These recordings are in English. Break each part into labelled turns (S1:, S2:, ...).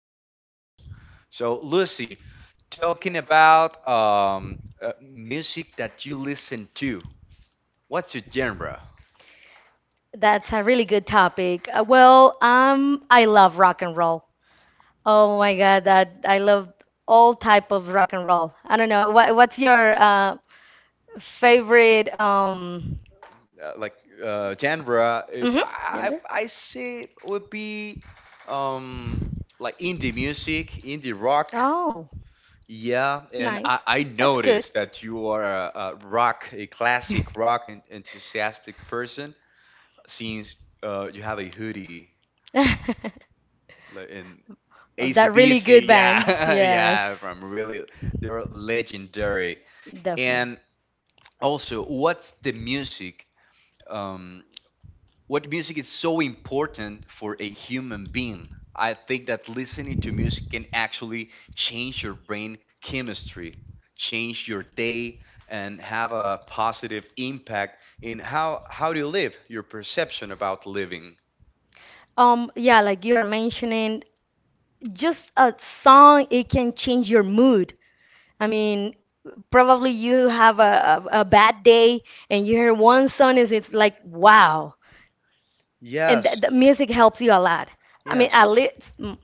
S1: expressions. So, Lucy, talking about music that you listen to, what's your genre?
S2: That's a really good topic. I love rock and roll. Oh my God, that I love all type of rock and roll. I don't know. What's your favorite
S1: Like genre,
S2: hmm
S1: I
S2: gender?
S1: I say would be, um, like, indie music, indie rock.
S2: Oh,
S1: Yeah, and
S2: nice.
S1: I
S2: That's good.
S1: noticed that you are a classic rock enthusiastic person, since you have a hoodie, like, in
S2: Of that really
S1: ACDC.
S2: good band.
S1: Yeah, yeah,
S2: Yes.
S1: from really, they're legendary.
S2: Definitely.
S1: And also, what's the music? Um, what music is so important for a human being? I think that listening to music can actually change your brain chemistry, change your day, and have a positive impact in how do you live, your perception about living.
S2: Yeah, like you are mentioning, just a song, it can change your mood. I mean, probably you have a bad day and you hear one song is it's like, wow. And th
S1: Yes.
S2: the music helps you a lot. I mean, at
S1: Yes.
S2: least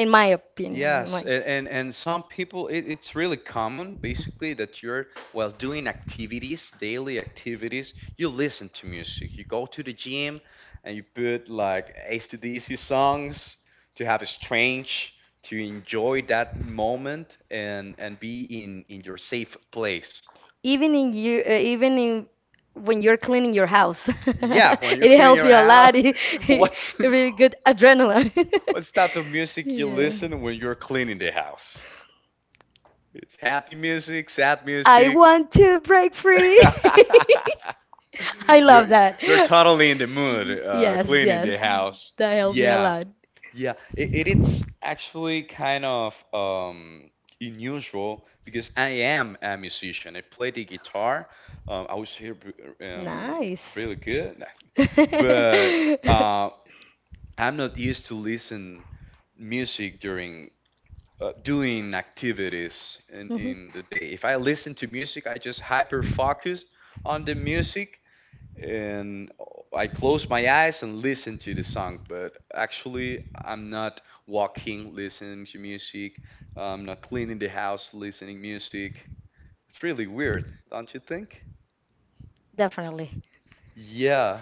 S2: in my opinion.
S1: Yes, and some people, it's really common, basically, that you're, while doing activities, daily activities, you listen to music. You go to the gym and you put like AC/DC songs to have a strange to enjoy that moment, and be in your safe place.
S2: Even in you, even in when you're cleaning your house,
S1: Yeah, when you're
S2: it
S1: cleaning
S2: helps
S1: your
S2: you a lot.
S1: house,
S2: It
S1: what's
S2: it really good adrenaline.
S1: what type of music you
S2: Yeah.
S1: listen when you're cleaning the house? It's happy music, sad
S2: I
S1: music.
S2: want to break free. I
S1: you're
S2: love that.
S1: you're totally in the mood,
S2: Yes,
S1: cleaning the
S2: yes.
S1: house.
S2: That helped me a
S1: Yeah,
S2: lot.
S1: yeah. It's actually kind of unusual because I am a musician. I play the guitar. I was here um
S2: Nice.
S1: really good, but uh, I'm not used to listen music during doing activities in,
S2: Mhm.
S1: in the day. If I listen to music, I just hyper focus on the music, and I close my eyes and listen to the song. But actually, I'm not walking listening to music. I'm not cleaning the house listening music. It's really weird, don't you think?
S2: Definitely.
S1: Yeah.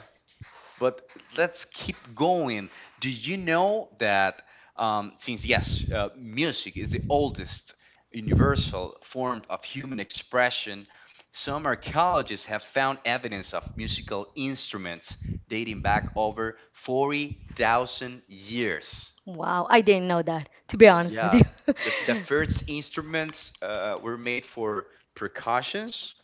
S1: But let's keep going. Do you know that, since, yes, music is the oldest universal form of human expression, some archaeologists have found evidence of musical instruments dating back over 40,000 years.
S2: Wow, I didn't know that, to be honest with
S1: Yeah.
S2: you.
S1: The first instruments were made for percussions,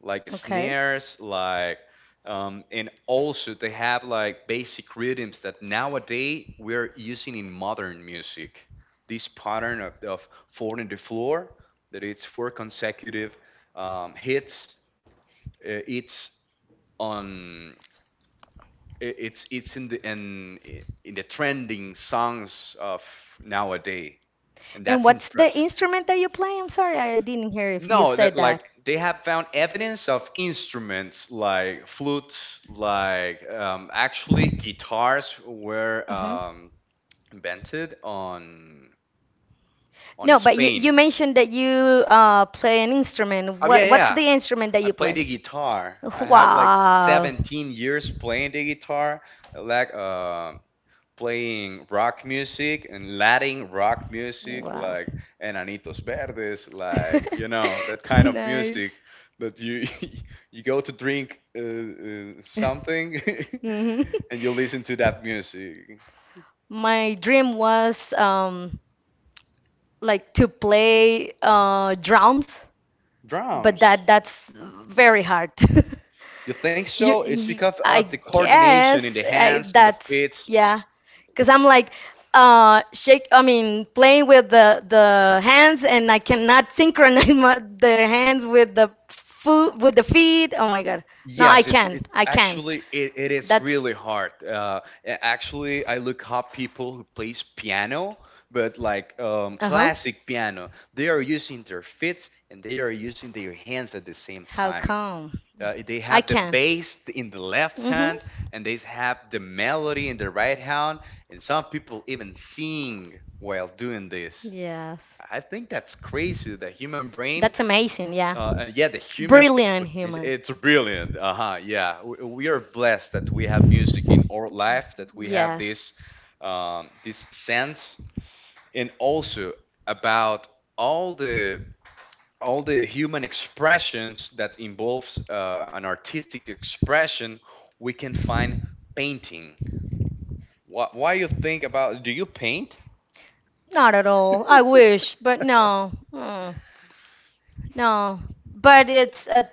S1: like
S2: Okay.
S1: snares, like, and also they have, like, basic rhythms that nowadays we're using in modern music. This pattern of four in the floor, that it's four consecutive hits. It's on I- it's in the trending songs of nowadays, and
S2: And
S1: that's
S2: what's the
S1: impressive.
S2: instrument that you play? I'm sorry, I didn't hear if you
S1: No, that,
S2: said that.
S1: like, they have found evidence of instruments like flutes, like, actually guitars were,
S2: Mhm.
S1: invented on
S2: No, but you
S1: Spain.
S2: mentioned that you play an instrument.
S1: Oh yeah,
S2: What's
S1: yeah.
S2: the instrument that
S1: I
S2: you
S1: play
S2: play?
S1: the guitar. I have like
S2: Wow.
S1: 17 years playing the guitar. Like, playing rock music and Latin rock music,
S2: Wow.
S1: like Enanitos Verdes, like, you know, that kind of music
S2: Nice.
S1: that you you go to drink, something,
S2: Music.
S1: and you listen to that music.
S2: My dream was like to play drums, but Drums.
S1: Drums.
S2: that's very hard.
S1: You think
S2: so? You,
S1: so? It's
S2: you
S1: because of
S2: I
S1: the coordination in
S2: guess
S1: the
S2: I,
S1: hands and the
S2: that's
S1: feet.
S2: yeah. Because I'm like, I mean, playing with the hands, and I cannot synchronize the hands with the foot, with the feet. Oh my God. No, I
S1: Yes, it's
S2: can.
S1: it
S2: I can.
S1: actually it, it is
S2: That's.
S1: really hard. Actually, I look up people who plays piano, but like,
S2: Uh-huh.
S1: classic piano, they are using their feet and they are using their hands at the same
S2: How
S1: time.
S2: come?
S1: They
S2: I
S1: have the
S2: can.
S1: bass in the left
S2: Mm-hmm.
S1: hand, and they have the melody in the right hand, and some people even sing while doing this.
S2: Yes.
S1: I think that's crazy. The human brain,
S2: That's amazing, yeah.
S1: and yeah, the human
S2: Brilliant
S1: potential,
S2: human.
S1: it's brilliant. Uh huh. Yeah, we are blessed that we have music in our life, that we have this,
S2: Yes.
S1: this sense, and also about all the all the human expressions that involves an artistic expression. We can find painting. What? Why you think about? Do you paint?
S2: Not at all. I wish, but no. Mm, no. But it's a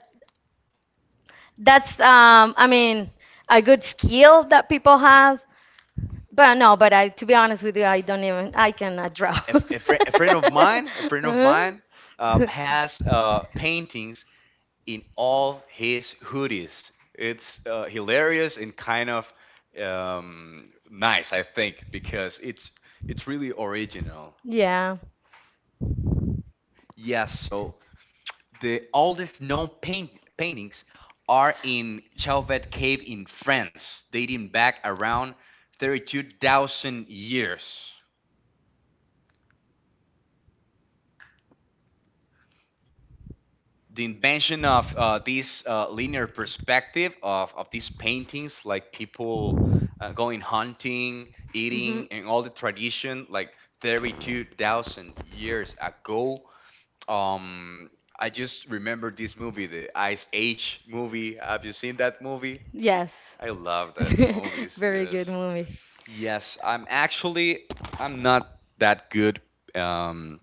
S2: that's I mean a good skill that people have. But no, but I to be honest with you, I don't even I cannot draw.
S1: a friend of mine,
S2: Uh-huh.
S1: has paintings in all his hoodies. It's hilarious and kind of nice, I think, because it's really original.
S2: Yeah.
S1: Yes, so the oldest known paintings are in Chauvet Cave in France, dating back around 32,000 years. The invention of this linear perspective of these paintings, like people going hunting,
S2: Mhm.
S1: eating, and all the tradition, like 32,000 years ago. Um, I just remember this movie, the Ice Age movie. Have you seen that movie?
S2: Yes.
S1: I love that movies.
S2: Very good
S1: Yes.
S2: movie.
S1: Yes, I'm actually, I'm not that good. Um,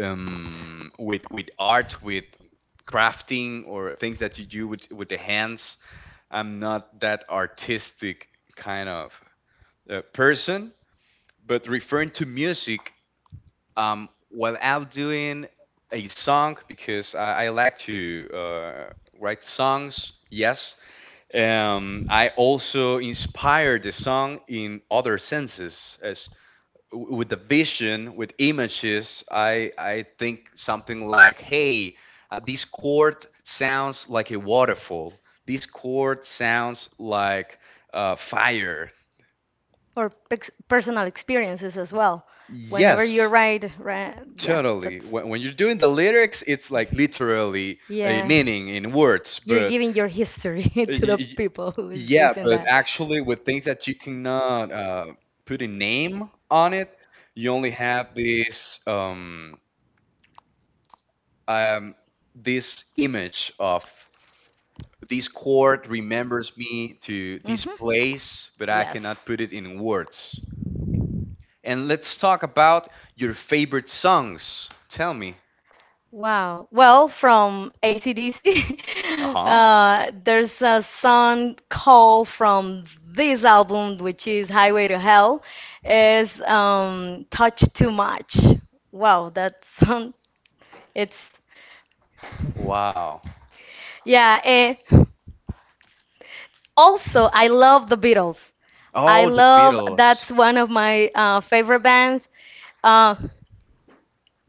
S1: with art, with crafting or things that you do with the hands. I'm not that artistic kind of person. But referring to music, while I'm doing a song, because I like to write songs. Yes, I also inspire the song in other senses, as with the vision, with images. I think something like, hey, this chord sounds like a waterfall, this chord sounds like, fire.
S2: Or pex personal experiences as well. Whenever you're
S1: Yes,
S2: right, right, yeah,
S1: totally.
S2: that's
S1: When you're doing the lyrics, it's like literally a
S2: yeah.
S1: meaning in words,
S2: You're
S1: but
S2: giving your history to the
S1: y- y-
S2: people who is
S1: yeah,
S2: listening
S1: but
S2: that.
S1: actually, with things that you cannot put a name on it, you only have this. Um, this image of this chord remembers me to this
S2: Mhm.
S1: place, but I cannot
S2: Yes.
S1: put it in words. And let's talk about your favorite songs. Tell me.
S2: Wow. Well, from AC/DC,
S1: Uh huh.
S2: there's a song called from this album, which is Highway to Hell, is Touch Too Much. Wow, that song. It's,
S1: Wow.
S2: yeah. Eh. Also, I love the Beatles. I
S1: Oh, the
S2: love,
S1: Beatles.
S2: that's one of my favorite bands. Uh,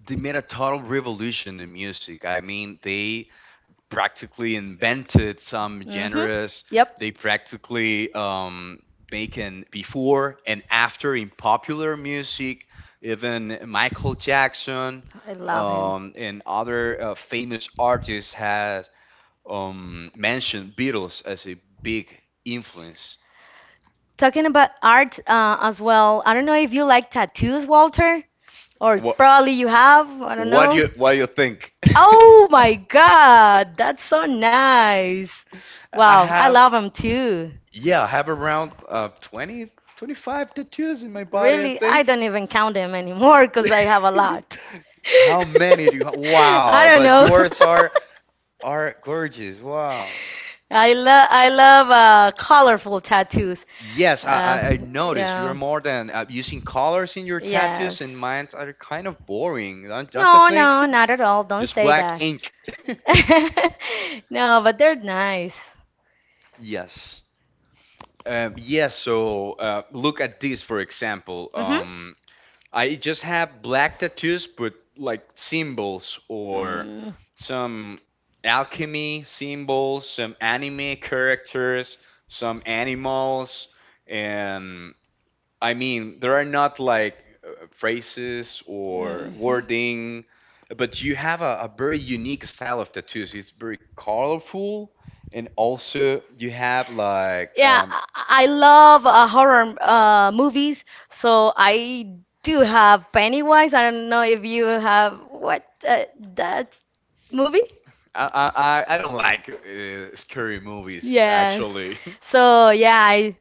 S1: They made a total revolution in music. I mean, they practically invented some
S2: hmm
S1: genres. Yep.
S2: Yep,
S1: They practically, make an before and after in popular music, even Michael Jackson,
S2: I love him.
S1: and other famous artists has mentioned Beatles as a big influence.
S2: Talking about art as well, I don't know if you like tattoos, Walter, or
S1: What,
S2: probably you have, I don't
S1: what do
S2: know.
S1: you, what do you think?
S2: Oh my God, that's so nice.
S1: I
S2: Wow, I
S1: have
S2: love them too.
S1: yeah, I have around 20 25 tattoos in my body, I
S2: Really, I
S1: think.
S2: don't even count them anymore because I have a lot.
S1: How many do you have?
S2: I
S1: Wow,
S2: don't
S1: but
S2: know.
S1: yours are are gorgeous. Wow.
S2: I love colorful tattoos.
S1: Yes, I,
S2: Uh,
S1: I I noticed you're
S2: yeah.
S1: more than using colors in your tattoos, and
S2: Yes.
S1: mine are kind of boring, don't you
S2: No,
S1: think?
S2: no, not at all. Don't
S1: Just
S2: say
S1: black
S2: that.
S1: ink.
S2: No, but they're nice.
S1: Yes. Yes, so look at this, for example.
S2: Mm-hmm.
S1: I just have black tattoos, but like symbols or some alchemy symbols, some anime characters, some animals, and I mean, there are not like, phrases or
S2: Mm, mhm.
S1: wording, but you have a very unique style of tattoos. It's very colorful, and also you have, like,
S2: Yeah, I love horror movies, so I do have Pennywise. I don't know if you have what that movie?
S1: I don't like scary movies,
S2: Yes.
S1: actually.
S2: So yeah,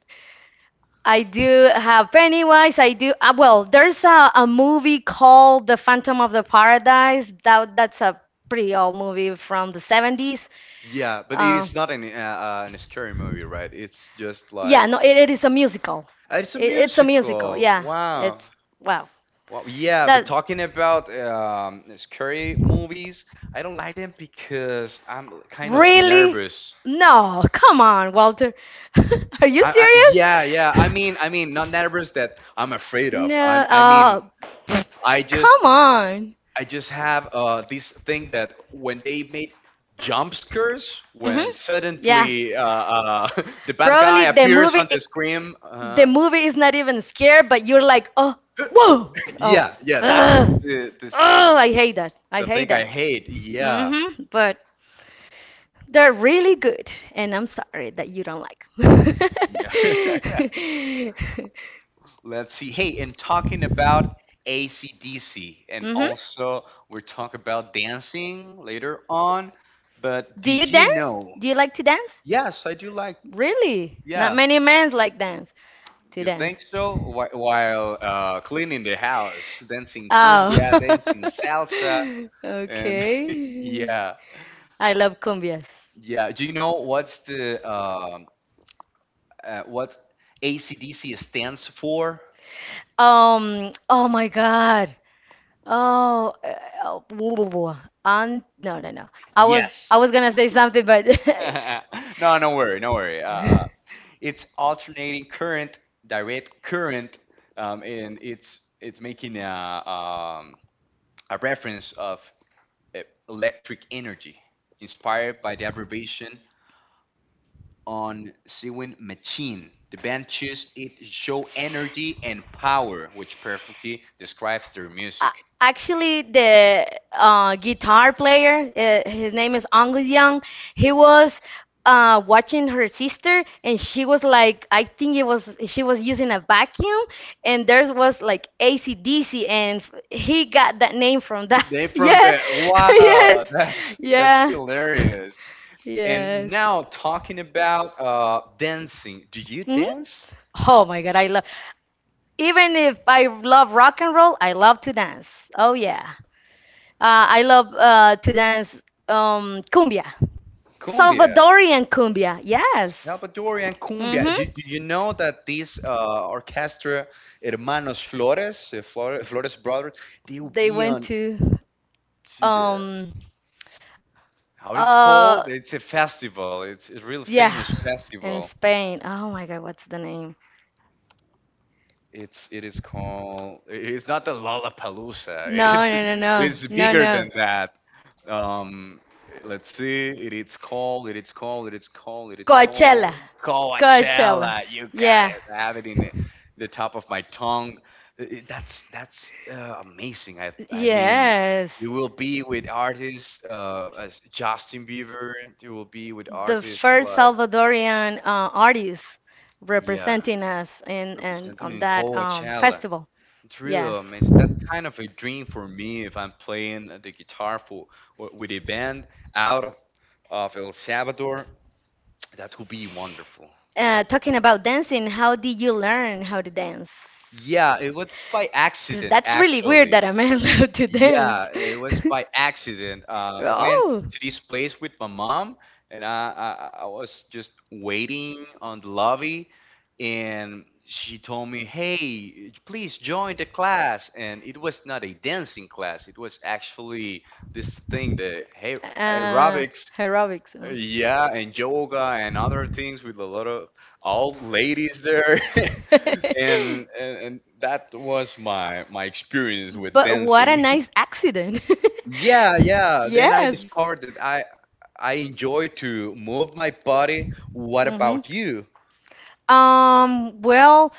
S2: I do have Pennywise. I do well. There's a movie called The Phantom of the Paradise. That's a pretty old movie from the 70s.
S1: Yeah, but it
S2: Uh,
S1: is not an scary movie, right? It's just like,
S2: yeah, no, it is a musical.
S1: ah, it's a
S2: It's a musical.
S1: musical.
S2: Yeah,
S1: Wow.
S2: it's wow.
S1: Well, yeah, but
S2: That.
S1: talking about, scary movies, I don't like them because I'm kind of
S2: Really?
S1: nervous.
S2: No, come on, Walter. Are you serious?
S1: Yeah, yeah. I mean, not nervous that I'm afraid of.
S2: No,
S1: I mean,
S2: pff,
S1: I just
S2: come on.
S1: I just have this thing that when they made jump scares,
S2: Mhm.
S1: when
S2: Yeah.
S1: suddenly, the bad guy
S2: Probably the
S1: appears
S2: movie
S1: on the screen.
S2: the movie is not even scared, but you're like, "Oh, whoa." Oh.
S1: Yeah, yeah, that's
S2: Ugh. Oh, I hate that. I
S1: the
S2: hate
S1: thing I
S2: that.
S1: hate. Yeah.
S2: Mhm. But they're really good, and I'm sorry that you don't like 'em.
S1: Yeah. Let's see. Hey, and talking about ACDC, and
S2: Mhm.
S1: also we are talking about dancing later on, but
S2: Do you
S1: did you
S2: dance?
S1: know?
S2: Do you like to dance?
S1: Yes, I do, like,
S2: Really? Not
S1: yeah.
S2: many men like dance to
S1: You think
S2: dance.
S1: so? While cleaning the house, dancing cumbia,
S2: Oh.
S1: dancing salsa, and
S2: Okay.
S1: yeah,
S2: I love cumbias.
S1: yeah. Do you know what ACDC stands for?
S2: Oh my God. Oh, oh, blah, blah, blah. And no, no, no.
S1: Yes.
S2: I was gonna say something, but
S1: no, no worry, no worry. It's alternating current, direct current, and it's making a, a reference of uh, electric energy, inspired by the abbreviation on sewing machine. The band choose it show energy and power, which perfectly describes their
S2: A-
S1: music.
S2: Uh, Actually, the guitar player, his name is Angus Young. He was watching her sister, and she was like, I think it was she was using a vacuum, and there was like AC/DC, and he got that name from that.
S1: They from
S2: Yeah,
S1: the. Wow,
S2: yes,
S1: that's
S2: yeah,
S1: hilarious. And
S2: yes
S1: now talking about dancing, do you
S2: hmm
S1: dance
S2: Oh my God, I love. Even if I love rock and roll, I love to dance. Oh yeah, I love to dance cumbia,
S1: cumbia?
S2: Salvadorian cumbia. Yes.
S1: Salvadorian cumbia.
S2: Mm-hmm.
S1: Did you know that this orchestra, Hermanos Flores, Flores Brothers, they will
S2: They
S1: be
S2: went
S1: on
S2: to
S1: to the.
S2: um
S1: How it's
S2: uh
S1: called? It's a festival. It's a real
S2: yeah
S1: famous
S2: in
S1: festival.
S2: Spain. Oh my God, what's the name?
S1: It is called. It's not the Lollapalooza. It
S2: No,
S1: is,
S2: no, no, no,
S1: it's
S2: no,
S1: bigger than
S2: no.
S1: that. Um, let's see. It is called. It is called. It is called. It is
S2: Coachella.
S1: called
S2: Coachella.
S1: Coachella. You got
S2: Yeah.
S1: it. I have it in the top of my tongue. That's amazing. I mean,
S2: Yes.
S1: you will be with artists, as Justin Bieber. You will be with
S2: The
S1: artists
S2: first
S1: like,
S2: Salvadorian artist
S1: yeah,
S2: representing us in, and
S1: representing
S2: on
S1: in
S2: that
S1: Coachella.
S2: festival.
S1: It's real
S2: Yes.
S1: amazing. That's kind of a dream for me, if I'm playing the guitar for with a band out of El Salvador. That would be wonderful.
S2: Talking about dancing, how did you learn how to dance?
S1: Yeah, it was by
S2: Because
S1: accident,
S2: that's really weird
S1: actually.
S2: that a man learned to dance.
S1: Yeah, it was by accident. I went
S2: Oh.
S1: to this place with my mom, and I was just waiting on the lobby, and she told me, "Hey, please join the class." And it was not a dancing class. It was actually this thing, the hey
S2: Uh,
S1: aerobics,
S2: Aerobics. Mm.
S1: yeah, and yoga and other things with a lot of old ladies there, and, and and that was my experience with
S2: But what a
S1: dancing.
S2: nice accident.
S1: Yeah, yeah. Then I
S2: Yes.
S1: discovered that I enjoy to move my body. What
S2: Mhm.
S1: about you?
S2: Well,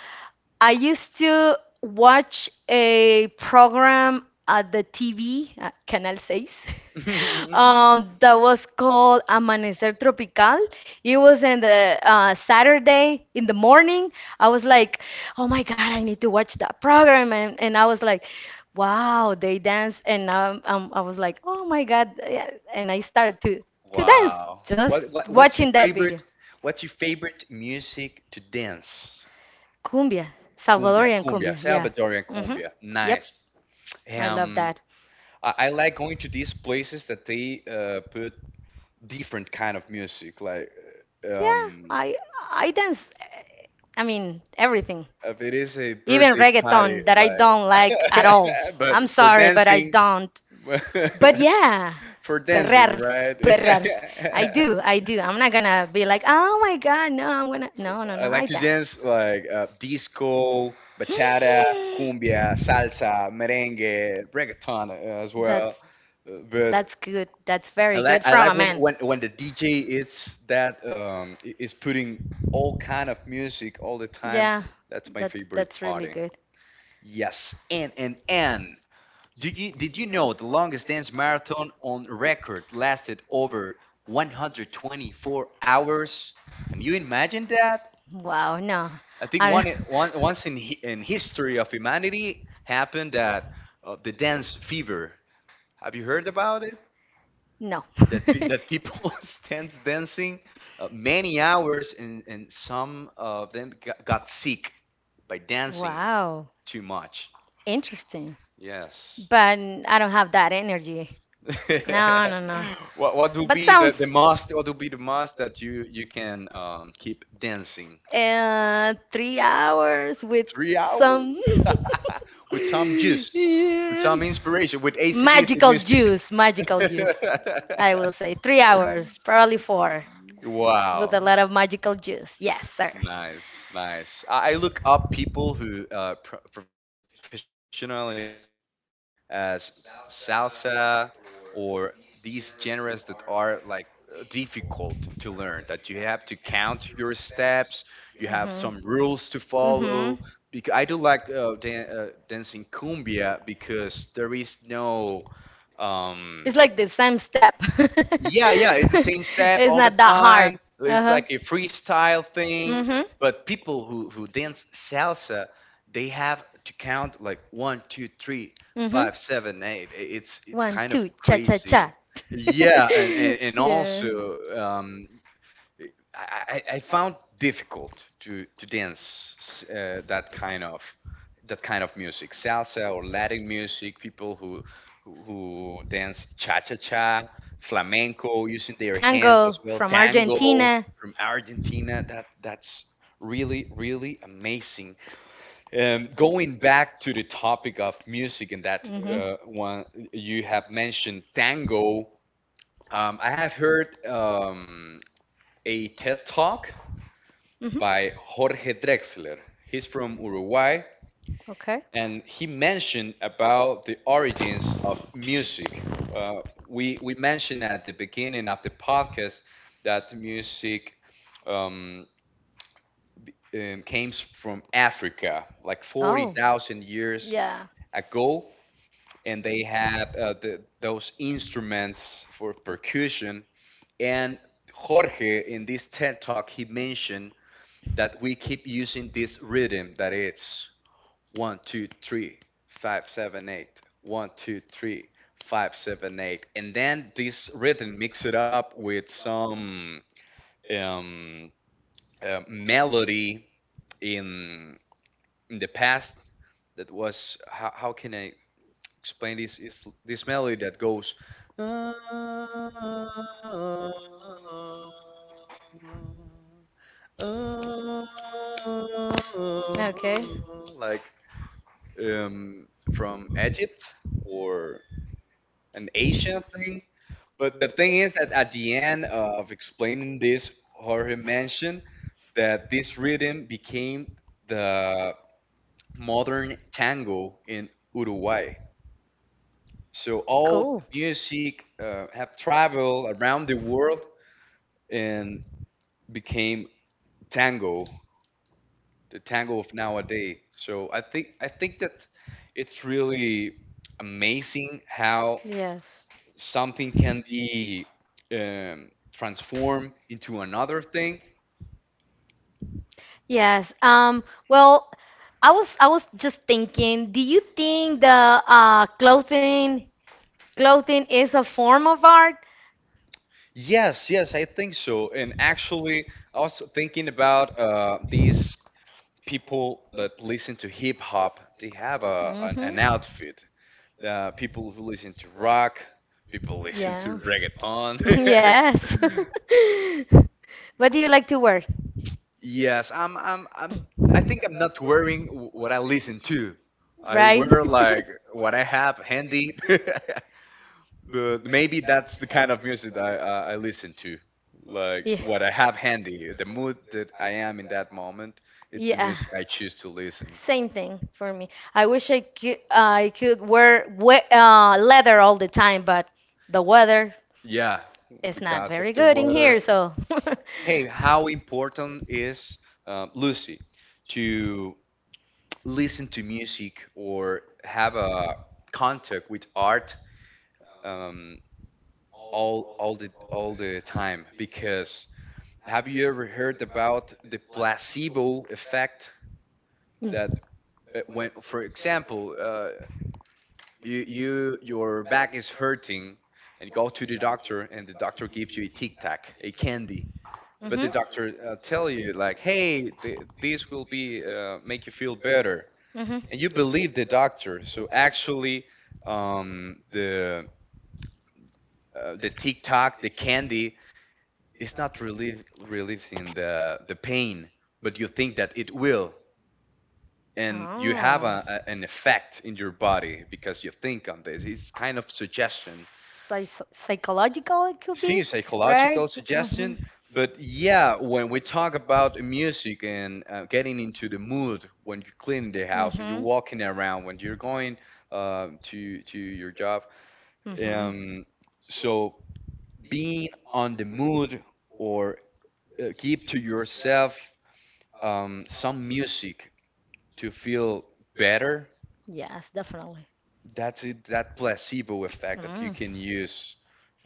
S2: I used to watch a program at the TV, Canal 6, that was called Amanecer Tropical. It was in the Saturday in the morning. I was like, oh my God, I need to watch that program. And I was like, wow, they dance. And I was like, oh my God. Yeah," And I started to dance
S1: Wow. What
S2: just
S1: what what's your
S2: watching that video.
S1: favorite what's your favorite music to dance?
S2: Cumbia,
S1: Cumbia,
S2: Salvadorian
S1: cumbia,
S2: cumbia, yeah.
S1: Salvadorian
S2: Mm-hmm.
S1: cumbia.
S2: Yep,
S1: Nice.
S2: I love
S1: Um
S2: that.
S1: I like going to these places that they put different kind of music like
S2: Yeah,
S1: um
S2: I dance. I mean everything,
S1: if it is a
S2: even
S1: birthday party
S2: reggaeton that I
S1: like
S2: don't like at all.
S1: but
S2: I'm
S1: for
S2: sorry, but I
S1: dancing,
S2: don't. But yeah,
S1: for dancing,
S2: perrer,
S1: right?
S2: perrer. I do. I'm not gonna be like, oh my god, no, I'm gonna. No, no,
S1: I
S2: no.
S1: like
S2: I
S1: to
S2: dance.
S1: dance like disco, bachata, cumbia, salsa, merengue, reggaeton as well.
S2: That's
S1: But
S2: that's good. That's
S1: I
S2: very
S1: like
S2: good
S1: I
S2: from a
S1: like when
S2: man.
S1: when the DJ it's that is putting all kind of music all the time.
S2: Yeah,
S1: That's my favorite
S2: that's really
S1: party.
S2: good.
S1: Yes, and do you, did you know the longest dance marathon on record lasted over 124 hours? Can you imagine that?
S2: Wow, no,
S1: I think
S2: I
S1: one,
S2: don't-
S1: one once in in history of humanity happened that the dance fever. Have you heard about it?
S2: no.
S1: That that people stands dancing many hours and some of them got sick by dancing
S2: Wow,
S1: too much.
S2: interesting.
S1: Yes.
S2: But I don't have that energy. No, no, no.
S1: What will
S2: But
S1: be the
S2: sounds.
S1: most what will be the most that you can keep dancing?
S2: And 3 hours with
S1: 3 hours
S2: some
S1: with some juice, with
S2: Yeah.
S1: some inspiration, with ACDC
S2: magical
S1: music.
S2: juice, magical juice. I will say 3 hours, probably four, with
S1: Wow.
S2: a lot of magical juice. Yes, sir.
S1: Nice, nice. I look up people who professionally dance as salsa or these genres that are like difficult to learn, that you have to count your steps, you have
S2: Mhm.
S1: some rules to follow.
S2: Mhm.
S1: Because I do like dancing cumbia because there is no um,
S2: It's like the same step.
S1: yeah, it's the same step
S2: It's
S1: all the
S2: not that hard.
S1: time.
S2: Uh
S1: It's
S2: huh.
S1: like a freestyle thing.
S2: Mhm.
S1: But people who dance salsa, they have to count like one, two, three,
S2: Mm-hmm.
S1: five, seven, eight. It's
S2: One,
S1: kind of
S2: two, cha cha
S1: crazy.
S2: cha.
S1: Yeah, and
S2: Yeah.
S1: also I, I found difficult to dance that kind of music, salsa or Latin music. People who dance cha cha cha, flamenco, using their hands
S2: Tango
S1: as well,
S2: from
S1: tango
S2: Argentina.
S1: from Argentina. That's really amazing. Going back
S2: Mm-hmm.
S1: to the topic of music and that
S2: Mm-hmm.
S1: one you have mentioned tango. I have heard a TED talk by Jorge Drexler. He's from Uruguay,
S2: Okay.
S1: and he mentioned about the origins of music. Uh, we mentioned at the beginning of the podcast that music um, came from Africa, like forty
S2: Oh.
S1: thousand years
S2: Yeah.
S1: ago, and they had those instruments for percussion. And Jorge, in this TED talk, he mentioned that we keep using this rhythm that it's 1 2 3 5 7 8 1 2 3 5 7 8 and then this rhythm mix it up with some um, melody in the past that was how can I explain this, is this melody that goes
S2: Okay.
S1: like from Egypt or an Asian thing. But the thing is that at the end of explaining this, Jorge mentioned that this rhythm became the modern tango in Uruguay. So all the
S2: Cool.
S1: music have traveled around the world and became tango, the tango of nowadays. So I think that it's really amazing how
S2: Yes.
S1: something can be transformed into another thing.
S2: Yes. Well, I was just thinking, do you think the clothing is a form of art?
S1: Yes, yes, I think so. And actually, I was thinking about these people that listen to hip hop. They have a an,
S2: Mm-hmm.
S1: an outfit. People who listen to rock, people listen
S2: Yeah.
S1: to reggaeton.
S2: Yes. What do you like to wear?
S1: Yes, I'm. I think I'm not wearing what I listen to. I
S2: Right?
S1: wear like what I have handy. the Maybe that's the kind of music I listen to. Like
S2: Yeah.
S1: what I have handy, the mood that I am in that moment, it's the
S2: Yeah.
S1: music I choose to listen.
S2: Same thing for me. I wish I could wear we leather all the time, but the weather
S1: Yeah,
S2: is not
S1: because of
S2: very
S1: the
S2: good in
S1: weather.
S2: here, so. Look,
S1: Hey, how important is Lucy to listen to music or have a contact with art um, all the time? Because have you ever heard about the placebo effect that when, for example, you your back is hurting and you go to the doctor and the doctor gives you a Tic Tac, a candy, but the
S2: Mm-hmm.
S1: doctor tell you like, hey, this will be make you feel better, and
S2: Mm-hmm.
S1: you believe the doctor. So actually, um, the the Tic Tac, the candy, is not relief relieving the pain, but you think that it will, and you have
S2: Oh.
S1: a, an effect in your body because you think on this. It's kind of suggestion,
S2: Psychological it could
S1: see
S2: be,
S1: psychological
S2: right? Mm-hmm.
S1: suggestion. But yeah, when we talk about music and getting into the mood when you're cleaning the house, when you're
S2: Mm-hmm.
S1: walking around, when you're going to your job,
S2: Mm-hmm.
S1: um, so being on the mood or give to yourself some music to feel better,
S2: Yes, definitely.
S1: that's it, that placebo effect that you
S2: Mm.
S1: can use.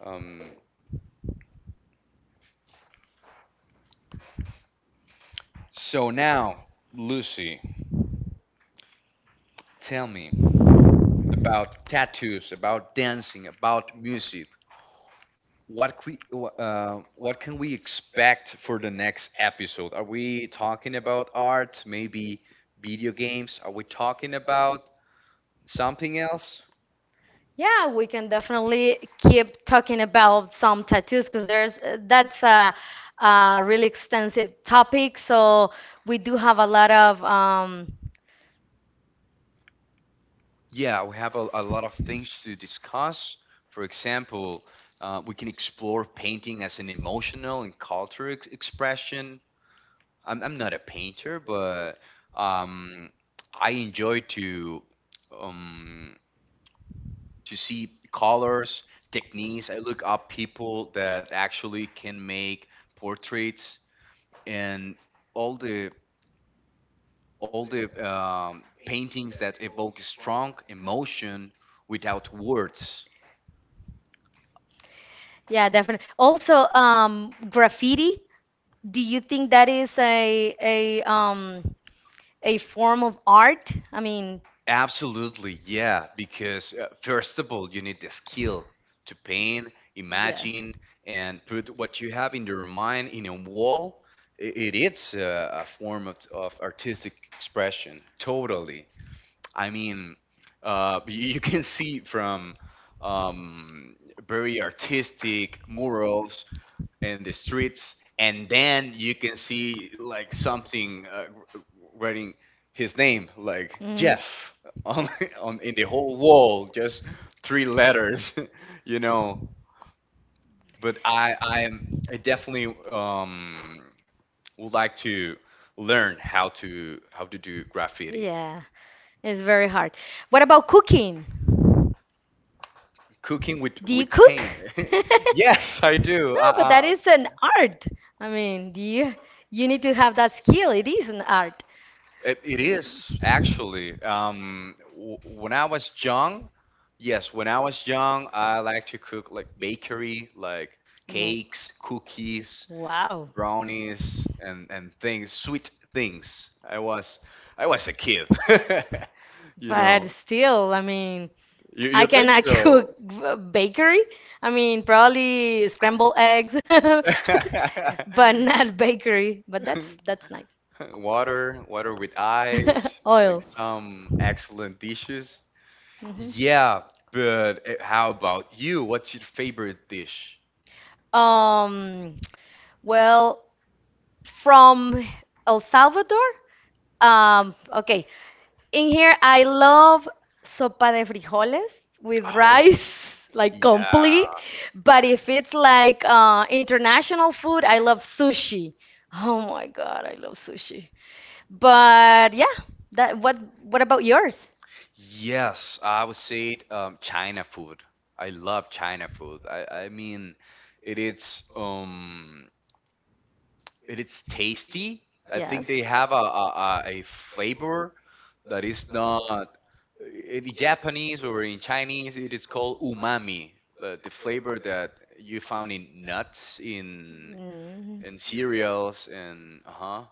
S1: Um, so now, Lucy, tell me about tattoos, about dancing, about music. What we, what can we expect for the next episode? Are we talking about art, maybe video games? Are we talking about something else?
S2: Yeah, we can definitely keep talking about some tattoos because there's that's a really extensive topic. So we do have a lot of
S1: Yeah, we have a lot of things to discuss. For example, we can explore painting as an emotional and cultural expression. I'm not a painter, but um, I enjoy um, to see colors, techniques. I look up people that actually can make portraits and all the all the paintings that evoke strong emotion without words.
S2: yeah, definitely. Also, graffiti. Do you think that is a form of art? I mean,
S1: Absolutely, yeah, because first of all, you need the skill to paint,
S2: yeah.
S1: imagine, and put what you have in your mind in a wall. It is a form of artistic expression, totally. I mean, you can see from um, very artistic murals in the streets, and then you can see like something wr- writing his name, like
S2: hmm
S1: Jeff, on on in the whole wall, just three letters, you know. But I am I definitely would like to learn how to do graffiti.
S2: Yeah, it's very hard. What about cooking?
S1: Cooking with
S2: Do you cook?
S1: paint. Yes, I do.
S2: No, but that
S1: I,
S2: is an art. I mean, do you you need to have that skill. It is an art.
S1: It is actually. When I was young, yes, when I was young, I like to cook like bakery, like
S2: W-
S1: cakes, cookies,
S2: Wow.
S1: brownies, and things, sweet things. I was a kid. You
S2: But
S1: know,
S2: still, I mean, I
S1: you think
S2: cannot
S1: so?
S2: cook bakery. I mean, probably scrambled eggs, but not bakery. But that's nice.
S1: Water, water with ice, like
S2: Oil.
S1: some excellent dishes.
S2: hmm
S1: Yeah, but how about you? What's your favorite dish?
S2: Um, well, from El Salvador. Okay. In here, I love sopa de frijoles with
S1: Oh,
S2: rice, like
S1: yeah.
S2: complete. But if it's like international food, I love sushi. Oh my God, I love sushi. But yeah, that what about yours?
S1: Yes, I would say China food. I love China food. I mean, it is um, it is tasty. I think they
S2: Yes.
S1: have a flavor that is not in Japanese or in Chinese. It is called umami, the flavor that you found in nuts in
S2: Mm,
S1: and cereals and uh-huh.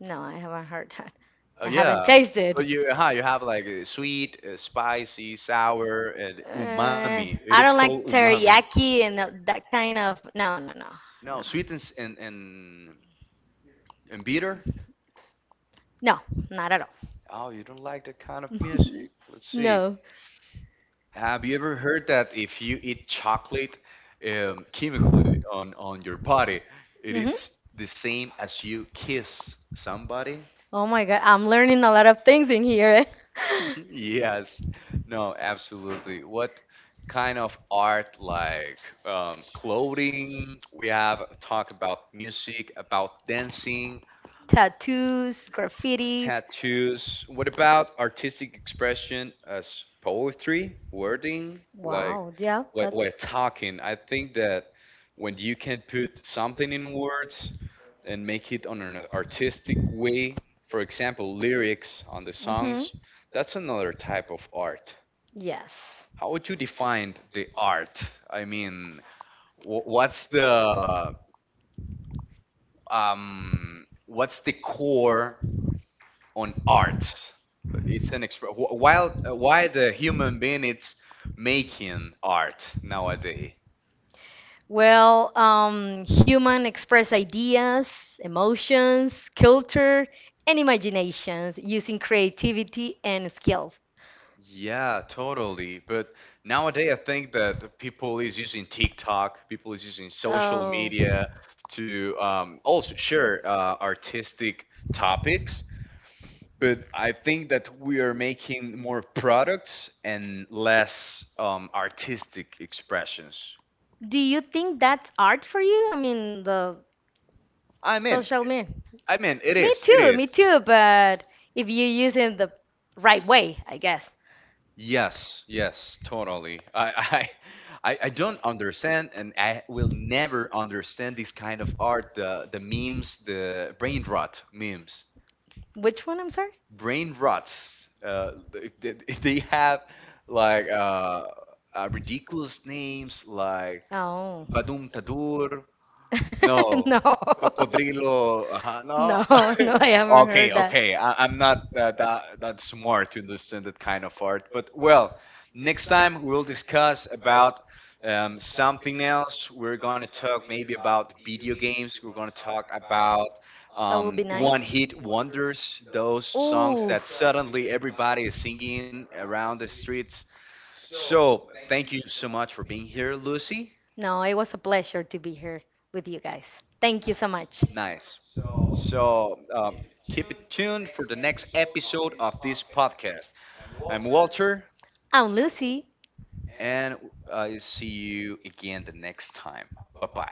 S2: no, I haven't heard that.
S1: Oh
S2: I haven't
S1: yeah.
S2: yeah, tasted.
S1: But you uh-huh, you have like sweet, spicy, sour and umami. It is
S2: I don't
S1: called
S2: like
S1: umami.
S2: teriyaki and that kind of. No, no, no,
S1: No,
S2: no,
S1: sweet and and bitter?
S2: no, not at all.
S1: Oh, you don't like that kind of music. Let's see.
S2: No.
S1: Have you ever heard that if you eat chocolate chemically on your body, it
S2: hmm
S1: is the same as you kiss somebody?
S2: Oh my God, I'm learning a lot of things in here. Eh?
S1: Yes, no, absolutely. What kind of art, like clothing? We have talk about music, about dancing,
S2: Tattoos, graffitis.
S1: tattoos. What about artistic expression as poetry, wording? Like,
S2: Wow. Yeah,
S1: what we're
S2: that's.
S1: talking. I think that when you can put something in words, and make it on an artistic way. For example, lyrics on the
S2: Mm-hmm.
S1: songs. That's another type of art.
S2: Yes.
S1: How would you define the art? I mean, wh- what's the what's the core on art? It's an while why the human being it's making art nowadays.
S2: Well, human express ideas, emotions, culture, and imaginations using creativity and skill.
S1: Yeah, totally. But nowadays, I think that the people is using TikTok, people is using social
S2: Oh.
S1: media to also share artistic topics. But I think that we are making more products and less artistic expressions.
S2: Do you think that's art for you? I mean, the
S1: I mean,
S2: social media.
S1: it
S2: Me
S1: is.
S2: too, but if you use it the right way, I guess.
S1: Yes, yes, totally. I, I don't understand, and I will never understand this kind of art. The memes, the brain rot memes,
S2: Which one, I'm sorry?
S1: brain rots. They they have like ridiculous names like
S2: Oh.
S1: Badum Tadur. No,
S2: No.
S1: Cocodrilo. No,
S2: No, no, I haven't
S1: Okay,
S2: heard that.
S1: okay. I'm not that smart to understand that kind of art, but well, next time we'll discuss about something else. We're gonna talk maybe about video games. We're gonna talk about
S2: That would be nice.
S1: one-hit wonders, those songs that
S2: Oof.
S1: suddenly everybody is singing around the streets. So thank you so much for being here, Lucy.
S2: No, it was a pleasure to be here with you guys. Thank you so
S1: Nice.
S2: much.
S1: So keep it tuned for the next episode of this podcast. I'm Walter,
S2: I'm Lucy.
S1: and I see you again the next time. Bye bye.